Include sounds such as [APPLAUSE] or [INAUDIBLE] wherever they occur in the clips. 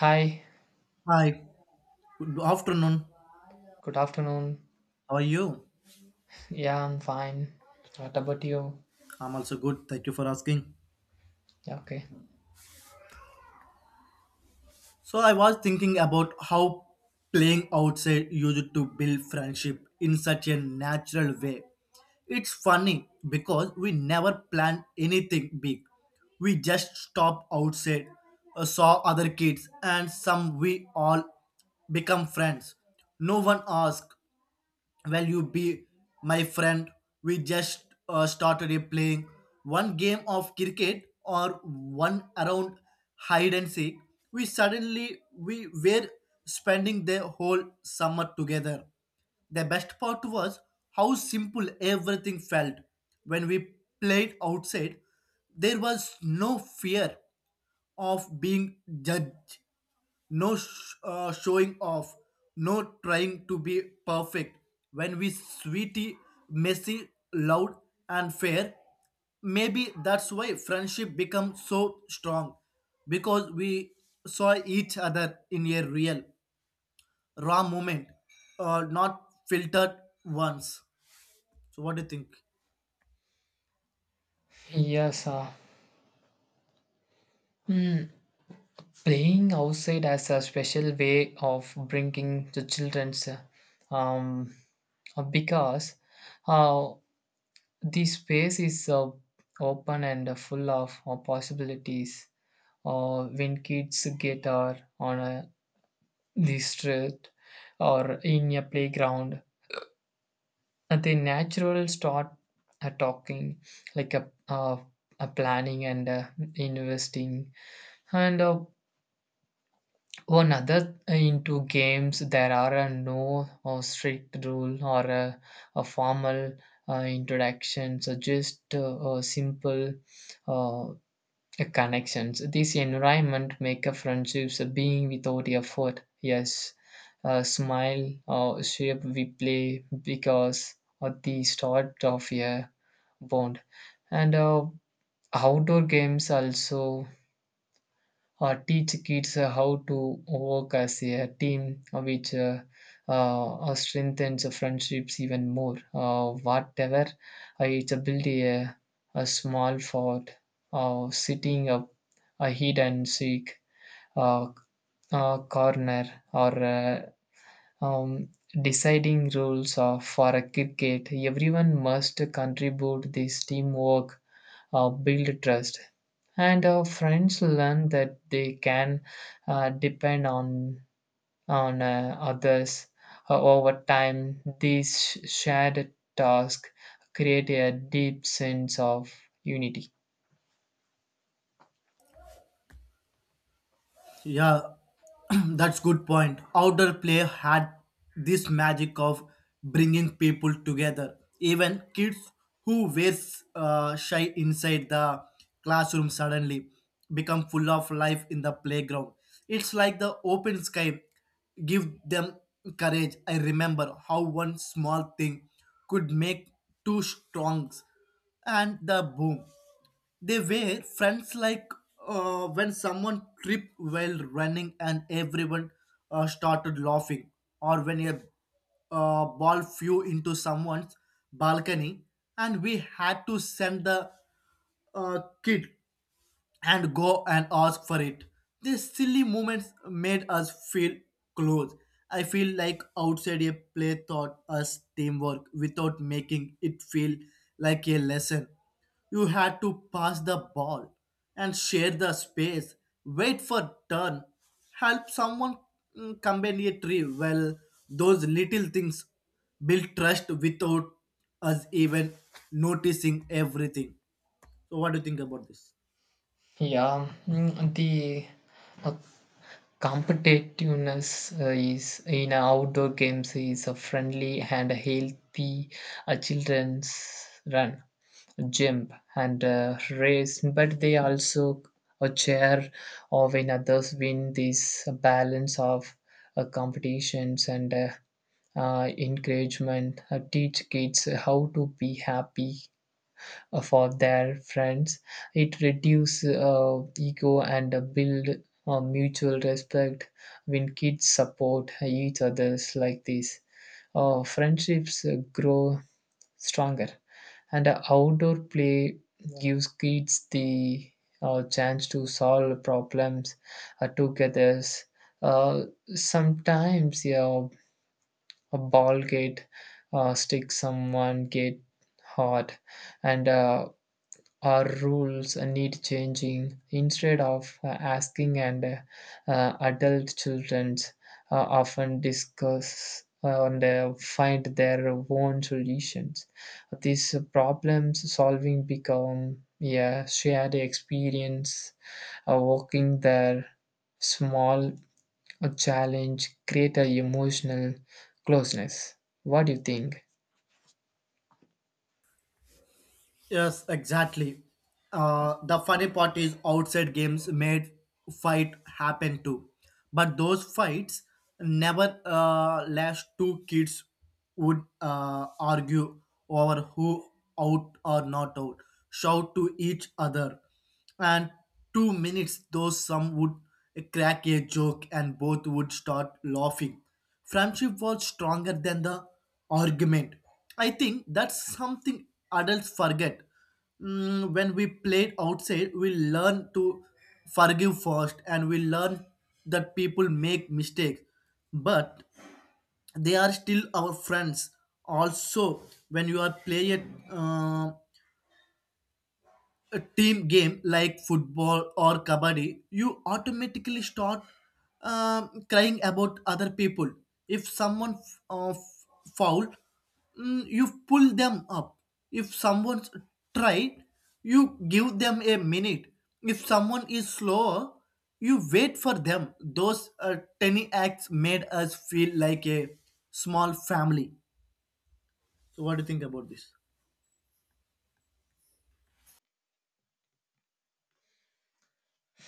Hi, Hi, good afternoon. good afternoon. How are you? Yeah, I'm fine. What about you? I'm also good. Thank you for asking. Yeah, okay. So, I was thinking about how playing outside used to build friendship in such a natural way. It's funny because we never planned anything big. We just stopped outside, saw other kids, and some we all become friends. No one asked, well, you be my friend. We just started playing one game of cricket or one around hide and seek. We suddenly we were spending the whole summer together. The best part was how simple everything felt when we played outside. There was no fear of being judged, no showing off, no trying to be perfect. When we sweetie, messy, loud, and fair, maybe that's why friendship becomes so strong because we saw each other in a real, raw moment, not filtered ones. So, what do you think? Yes, mm, playing outside as a special way of bringing the children's um, because uh, the space is open and full of possibilities. When kids get out on a the street or in a playground. And the natural start talking like a planning and investing and one other into games there are a no or strict rule or a formal introduction, so just a simple uh, connections. This environment make a friendships a being without effort. Yes, a smile or shape we play because of the start of a bond. And outdoor games also teach kids how to work as a team, which strengthens the friendships even more. Whatever, it's a build a small fort, sitting up a hide and seek uh, corner, or um, deciding rules of, for a cricket. Everyone must contribute this teamwork, build trust, and our friends learn that they can depend on others. Over time these shared tasks create a deep sense of unity. Yeah, [CLEARS THROAT] that's good point. Outdoor play had this magic of bringing people together. Even kids who were shy inside the classroom suddenly become full of life in the playground. It's like the open sky give them courage. I remember how one small thing could make two strongs and the boom. They were friends like when someone tripped while running and everyone started laughing, or when a ball flew into someone's balcony and we had to send the kid and go and ask for it. These silly moments made us feel close. I feel like outside a play taught us teamwork without making it feel like a lesson. You had to pass the ball and share the space, wait for turn, help someone combine a tree. Well, those little things build trust without us even noticing everything. So, what do you think about this? Yeah. The uh, competitiveness is in outdoor games is a friendly and healthy children's run, jump and race, but they also a chair or when others win. This balance of competitions and encouragement teach kids how to be happy for their friends. It reduce ego and build mutual respect. When kids support each others like this, friendships grow stronger. And outdoor play gives kids the chance to solve problems together. uh, Sometimes, yeah, a ball get stick, someone get hot and our rules need changing instead of asking. And adult children often discuss and find their own solutions. These problems solving become a shared experience, working their small challenge create a emotional closeness. What do you think? Yes, exactly. The funny part is outside games made fight happen too, but those fights never last. Two kids would argue over who out or not out, shout to each other, and two minutes. Those some would crack a joke, and both would start laughing, friendship was stronger than the argument. I think that's something adults forget. Mm, when we played outside, we learn to forgive first and we learn that people make mistakes, but they are still our friends. Also, when you are playing, a team game like football or kabaddi, you automatically start crying about other people. If someone foul, you pull them up. If someone's tried, you give them a minute. If someone is slower, you wait for them. Those tiny acts made us feel like a small family. So, what do you think about this?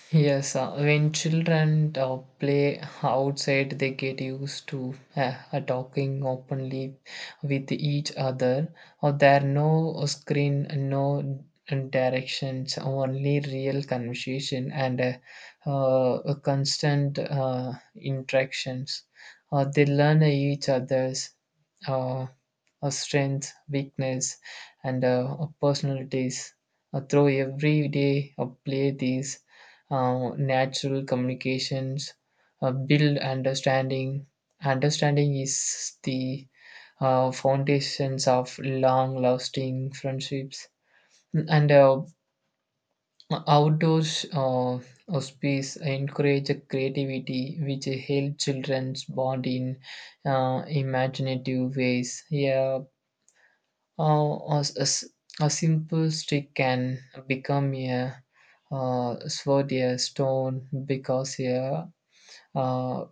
Yes, when children play outside, they get used to talking openly with each other. Or there are no screen, no directions, only real conversation and a constant interactions. They learn each other's uh, strength, weakness, and personalities. Through every day of play, these natural communications build understanding. Understanding is the foundations of long-lasting friendships. And outdoors space encourage creativity, which help children's bond in imaginative ways. Yeah, uh, a, a- s- a simple stick can become a sword, a stone, because uh,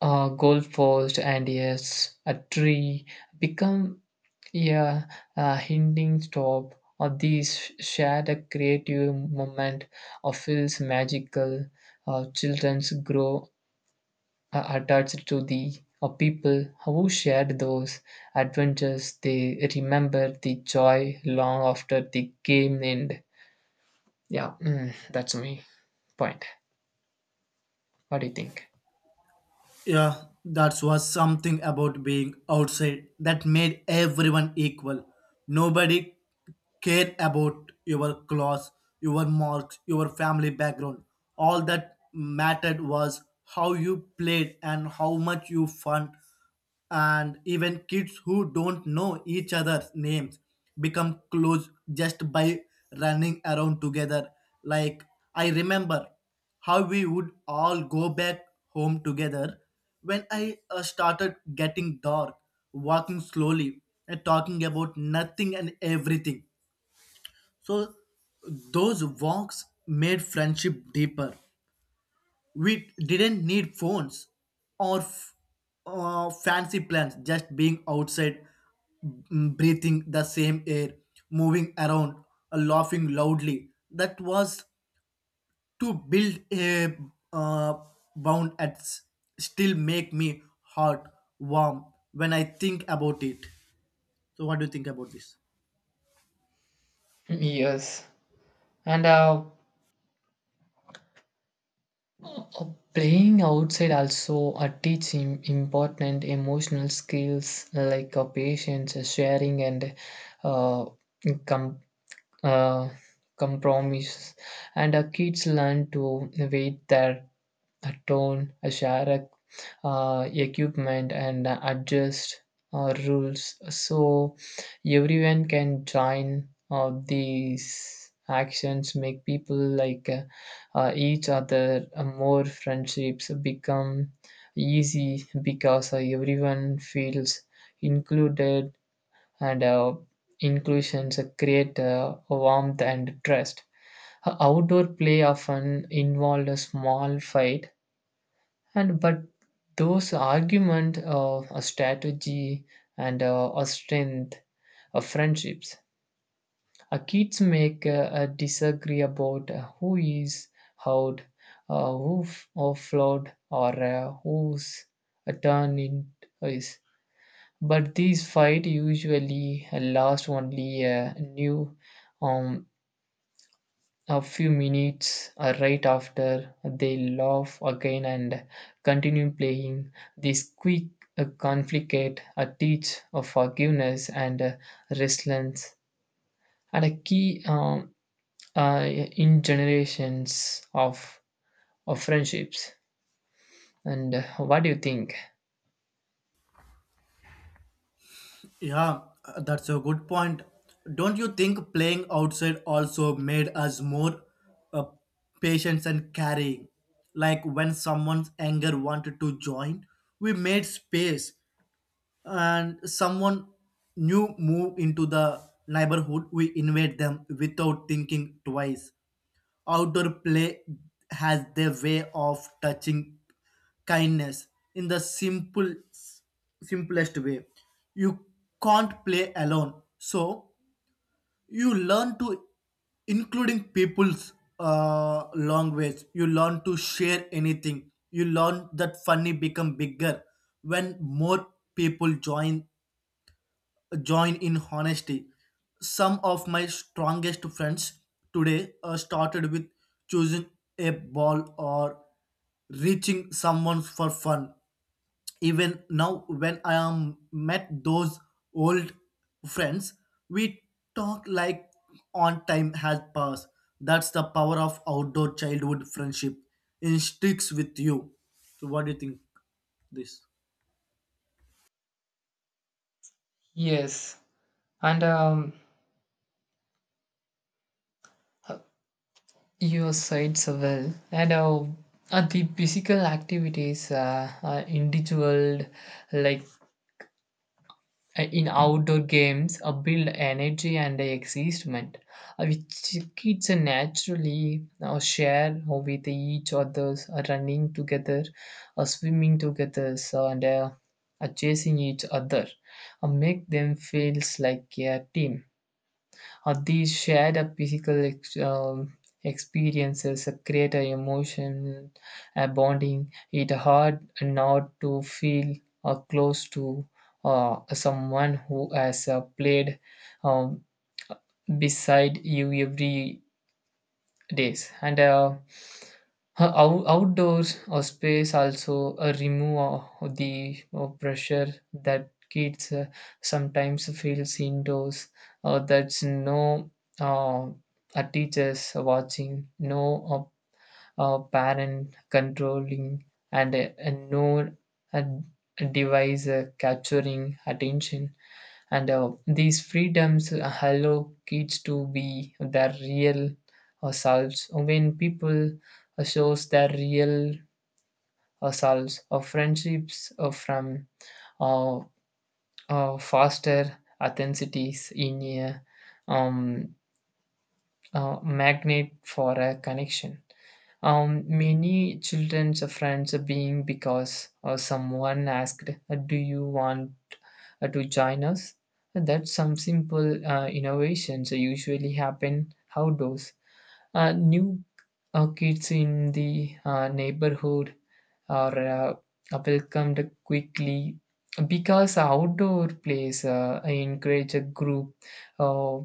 a goalpost, and yes, a tree become a, a hinting stop, or these shared a creative moment or feels magical. Children's grow attached to the people who shared those adventures. They remember the joy long after the game end. Yeah. That's my point. What do you think? Yeah, that was something about being outside that made everyone equal. Nobody cared about your class, your marks, your family background. All that mattered was how you played and how much you fun, and even kids who don't know each other's names become close just by running around together. Like I remember how we would all go back home together when I started getting dark, walking slowly and talking about nothing and everything. So those walks made friendship deeper. We didn't need phones or fancy plans, just being outside, breathing the same air, moving around, laughing loudly. That was to build a uh, bound at still make me heart warm when I think about it. So what do you think about this? Yes, and playing outside also teach him important emotional skills like patience, sharing, and uh, com- uh, compromise. And kids learn to wait there a tone, a share equipment, and adjust rules so everyone can join. These actions make people like each other, more friendships become easy because everyone feels included. And inclusions create warmth and trust. Outdoor play often involved a small fight, and but those argument of a strategy and a strength of friendships. Kids make a disagree about who is out, who or flawed, or whose a turn it is, but these fight usually last only new um, a few minutes. Right after, they laugh again and continue playing. This quick conflict teach of forgiveness and resilience, and a key in generations of friendships. And what do you think? Yeah, that's a good point. Don't you think playing outside also made us more uh, patient and caring? Like when someone's anger wanted to join, we made space, and someone new moved into the neighborhood, we invade them without thinking twice. Outdoor play has their way of touching kindness in the simple simplest way. You can't play alone, so you learn to including people's language. You learn to share anything. You learn that funny become bigger when more people join in honesty. Some of my strongest friends today started with choosing a ball or reaching someone for fun. Even now, when I am met those old friends, we talk like on time has passed. That's the power of outdoor childhood friendship. It sticks with you. So, what do you think? This? Yes, and your sides are well, and the physical activities, individual like in outdoor games build energy and excitement, which kids naturally share with each others, running together, swimming together so, and chasing each other make them feels like a team. These shared physical experiences create a emotion, a bonding. It hard not to feel close to someone who has played um, beside you every days. And outdoors or space also remove the pressure that kids sometimes feels indoors, or that's no uh, teachers watching, no uh, parent controlling, and no uh, device capturing attention. And these freedoms allow kids to be their real selves. When people shows their real selves, or friendships from uh, foster authenticities in a um, magnet for a connection. Many children's friends being because someone asked, "Do you want to join us." And that some simple innovations usually happen outdoors. New kids in the neighborhood are welcomed quickly because outdoor plays encourage a group uh,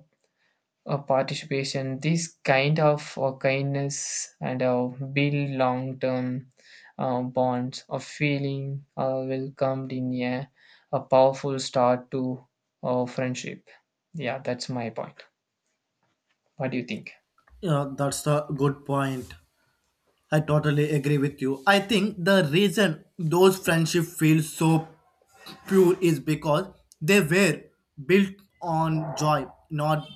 participation. This kind of kindness and build long-term bonds of feeling welcomed in a powerful start to friendship. Yeah, that's my point. What do you think? Yeah, that's the good point. I totally agree with you. I think the reason those friendships feel so pure is because they were built on joy, not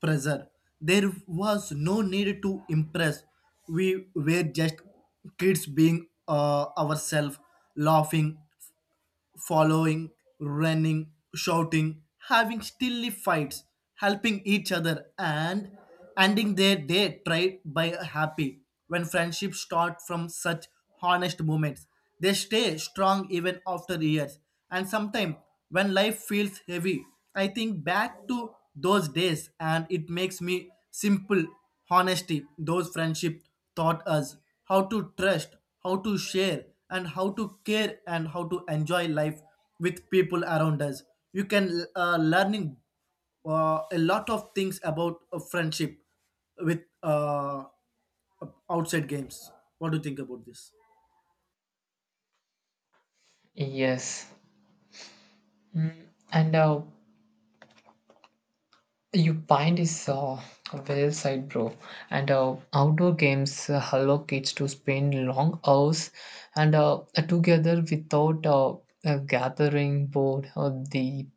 pressure. There was no need to impress. We were just kids being ourselves, laughing, following, running, shouting, having stilly fights, helping each other, and ending their day tried by a happy. When friendships start from such honest moments, they stay strong even after years. And sometimes, when life feels heavy, I think back to those days, and it makes me simple honesty. Those friendships taught us how to trust, how to share, and how to care and how to enjoy life with people around us. You can learning a lot of things about friendship with outside games. What do you think about this? Yes. Mm, and your point is well said, bro. And outdoor games allow kids to spend long hours and together without a gathering board, or the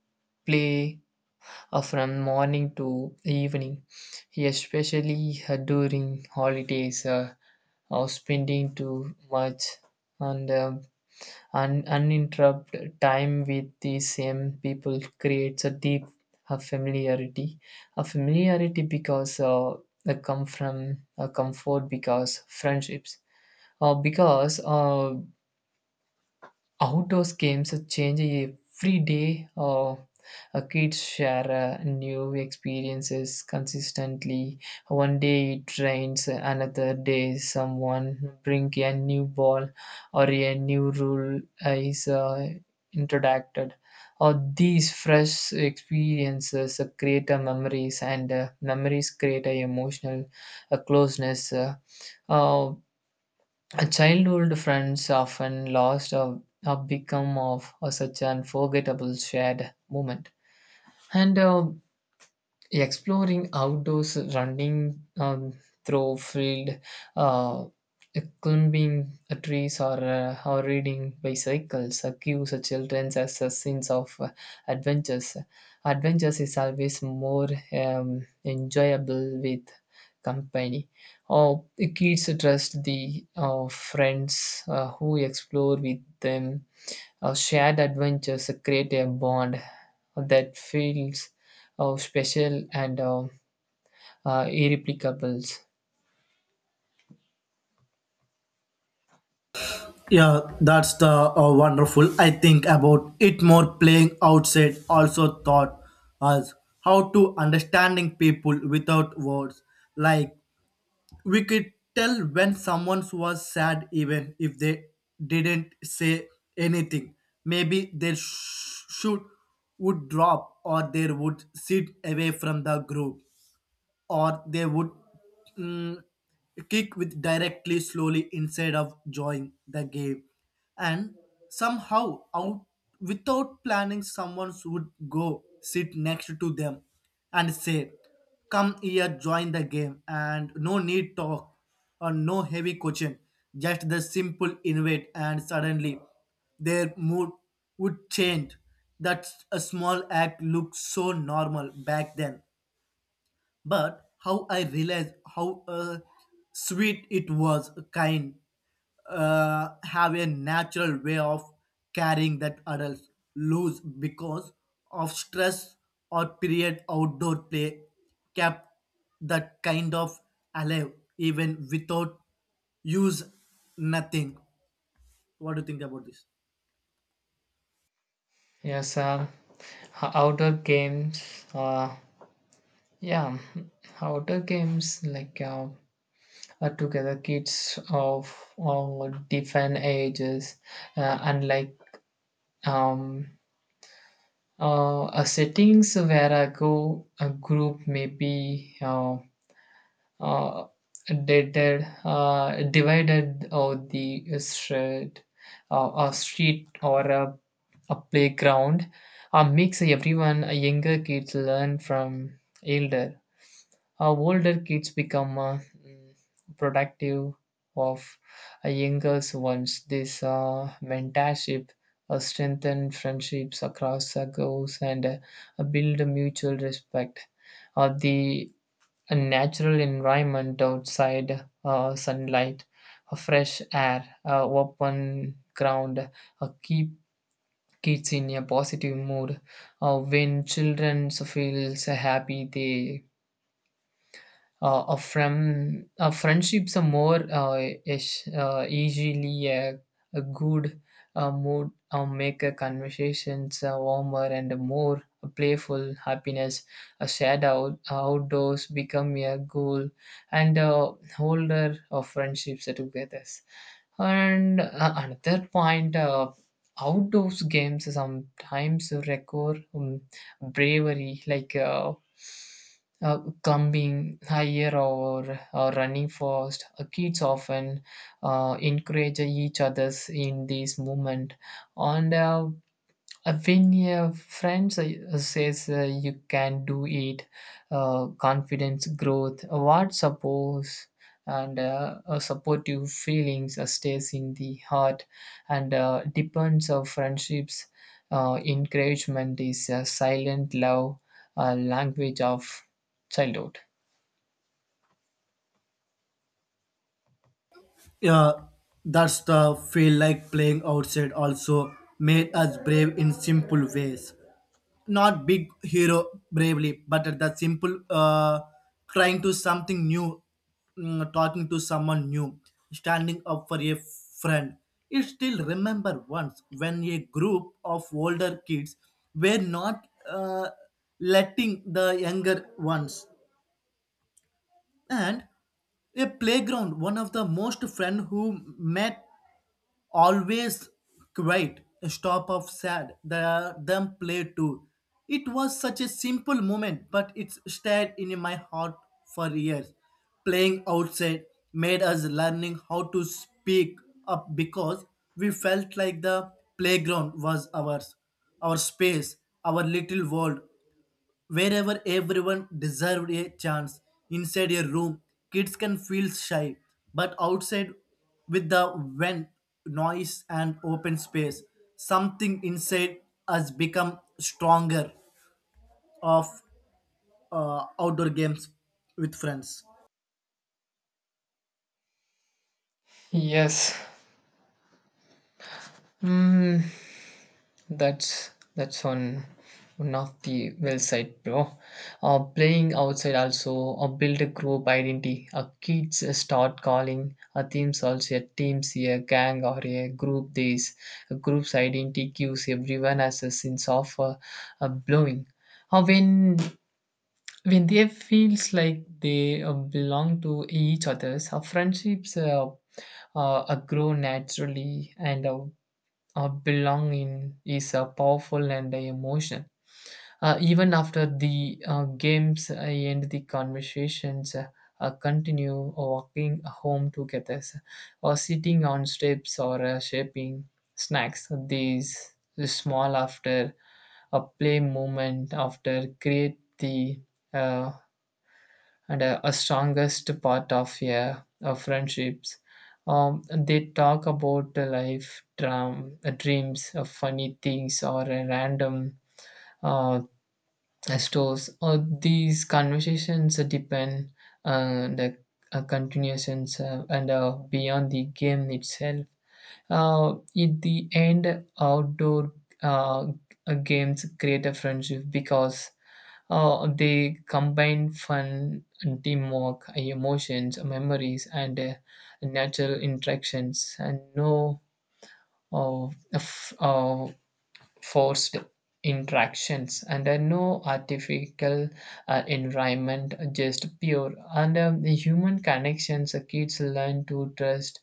play from morning to evening, especially during holidays, or spending too much. And uninterrupted time with the same people creates a deep familiarity. A familiarity because they come from a comfort because friendships. Because outdoors games change every day. Kids share new experiences consistently. One day it rains, another day someone bring a new ball or a new rule is introduced. Or these fresh experiences create a memories, and memories create a emotional closeness. Uh, a childhood friends often lost, or become of a such an forgettable shared moment. And exploring outdoors, running through field, uh, climbing trees, or riding bicycles gives children a sense of adventures. Adventures is always more enjoyable with company, or the kids trust the friends who explore with them. Our shared adventures create a bond that feels special and irreplicable. Yeah, that's the wonderful. I think about it more, playing outside also taught us how to understanding people without words. Like we could tell when someone was sad even if they didn't say anything. Maybe their shoot would drop, or they would sit away from the group, or they would mm, kick with directly slowly instead of joining the game. And somehow out without planning, someone would go sit next to them and say come here join the game, and no need talk or no heavy coaching, just the simple invite, and suddenly their mood would change. That a small act looked so normal back then, but how I realized how sweet it was, kind, have a natural way of carrying that adults lose because of stress or period. Outdoor play kept that kind of alive even without use nothing. What do you think about this? Yes, outdoor games. Yeah, outdoor games like together kids of all different ages, unlike um, settings where I go, a group maybe. Uh, Dated, divided or the street, a street or a playground makes everyone, younger kids learn from elder. Older kids become mm, productive of a younger ones. This mentorship strengthen friendships across goals and build mutual respect. The a natural environment outside, sunlight, a fresh air, open ground keep kids in a positive mood. When children feels happy they a friendships are more, easily a good mood make a conversations warmer and more playful happiness. A shared outdoors become a goal and holder of friendships together. And another point, outdoors games sometimes require bravery like climbing higher, or running fast. Kids often encourage each others in this movement, and when your friends says you can do it, confidence growth, what suppose. And supportive feelings stays in the heart and depends of friendships. Encouragement is a silent love, a language of childhood. Yeah, that's the feel like playing outside also made us brave in simple ways. Not big hero bravely, but at that simple trying to something new, talking to someone new, standing up for a friend. It still remember once when a group of older kids were not letting the younger ones and a playground, one of the most friend who met always quiet, a stop of sad, the, them play too. It was such a simple moment, but it stayed in my heart for years. Playing outside made us learning how to speak up because we felt like the playground was ours, our space, our little world wherever everyone deserved a chance. Inside a room, kids can feel shy, but outside, with the wind, noise, and open space, something inside us become stronger of outdoor games with friends. Yes. Mm, that's one of the well side, bro. Playing outside also build a group identity. Kids start calling teams also a teams a gang or a group. This a group's identity gives everyone as a sense of belonging. Uh, when when they feels like they belong to each others, friendships grow naturally. And belonging is powerful and emotional. Even after the games end, the conversations continue, walking home together, or sitting on steps, or shaping snacks. These small after a play moment after create the uh, and a strongest part of, yeah, friendships. They talk about life, drum, dreams, funny things, or random uh, stores. These conversations depend the continuations and beyond the game itself. In the end, outdoor uh, games create a friendship because they combine fun and teamwork, emotions, memories, and natural interactions, and no uh, f- uh, forced interactions, and no artificial environment, just pure. And the human connections, kids learn to trust,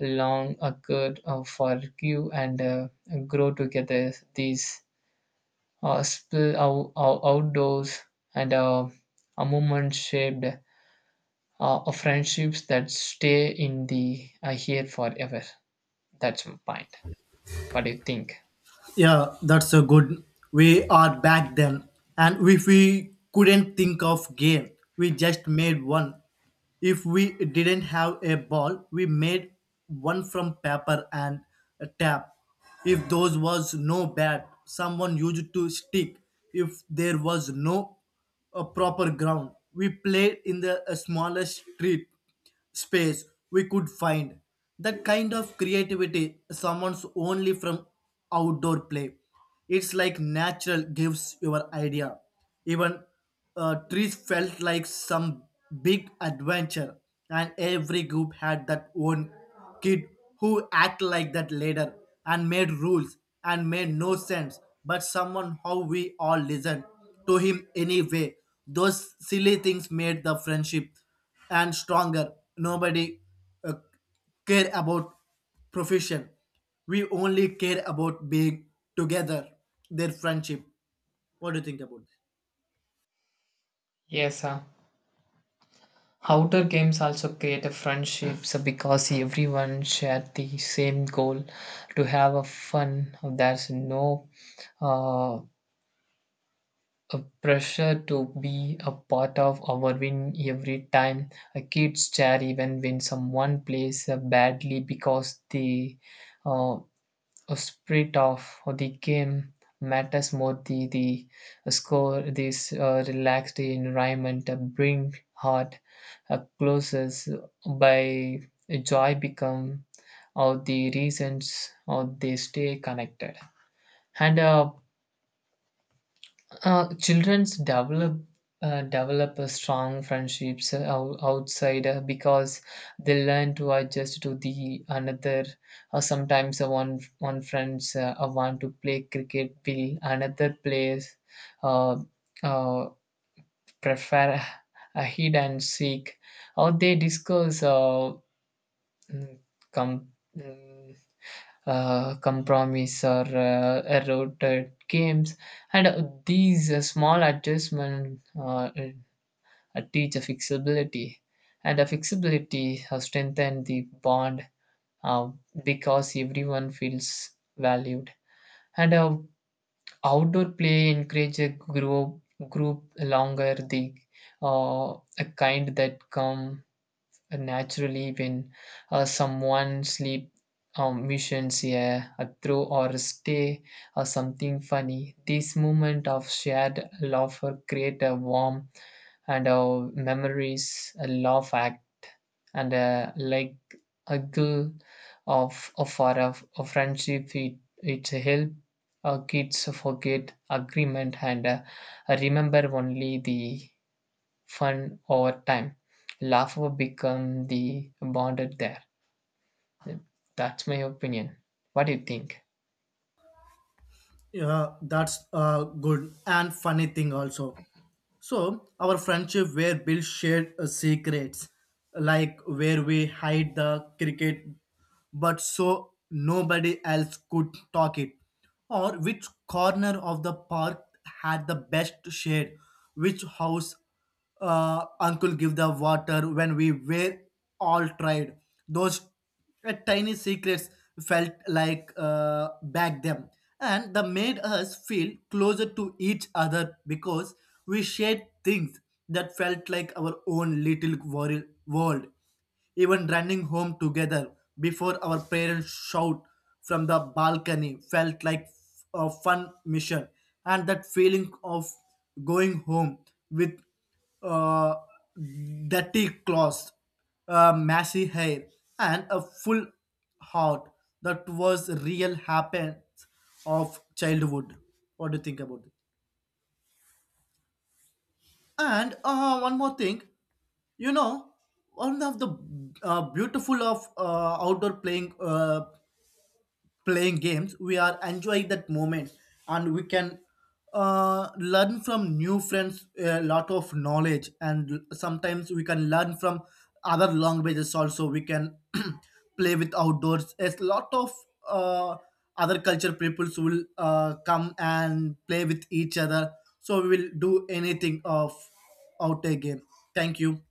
long, occur, forgive, and grow together. These spill outdoors and a moment shaped of friendships that stay in the here forever. That's my point. What do you think? Yeah, that's a good. We are back then, and if we couldn't think of game, we just made one. If we didn't have a ball, we made one from paper and a tap. If those was no bat, someone used to stick. If there was no a proper ground, we played in the smallest street space we could find. That kind of creativity summons only from outdoor play. It's like natural gives your idea. Even trees felt like some big adventure, and every group had that one kid who act like that leader and made rules and made no sense. But someone how we all listened to him anyway. Those silly things made the friendship and stronger. Nobody uh, care about profession. We only care about being together. Their friendship. What do you think about? This? Yes, outdoor games also create a friendship so because everyone shared the same goal to have a fun. There's no uh, a pressure to be a part of our win every time. A kids cheer even when someone plays badly because the uh, spirit of the game matters more the score. This relaxed environment bring heart closes by joy become, or the reasons or they stay connected. And children's develop a strong friendships outside, because they learn to adjust to the another. Sometimes one friends want to play cricket, will another plays uh, uh, prefer a hide and seek, or they discuss mm, com- mm, compromise, or eroded games. And these small adjustments teach a flexibility. And a flexibility has strengthened the bond uh, because everyone feels valued. And outdoor play encourage a group longer the uh, a kind that come naturally when someone sleep missions a throw or stay or something funny. This moment of shared laughter create a warm and our memories, a laugh act and like a glue of our of friendship. It help our kids forget agreement and remember only the fun over time. Laughter become the bonded there. That's my opinion. What do you think? Yeah, that's a good and funny thing also. So our friendship where Bill shared secrets, like where we hide the cricket, but so nobody else could talk it, or which corner of the park had the best shade, which house uncle give the water when we were all tried. Those tiny secrets felt like back them, and they made us feel closer to each other because we shared things that felt like our own little world. Even running home together before our parents shout from the balcony felt like a fun mission, and that feeling of going home with uh, dirty clothes, messy hair, and a full heart. That was real happens of childhood. What do you think about it? And one more thing, you know, one of the beautiful of outdoor playing playing games, we are enjoying that moment, and we can learn from new friends a lot of knowledge, and sometimes we can learn from other languages also. We can [CLEARS THROAT] play with outdoors a lot of uh, other culture peoples will come and play with each other, so we will do anything of out a game. Thank you.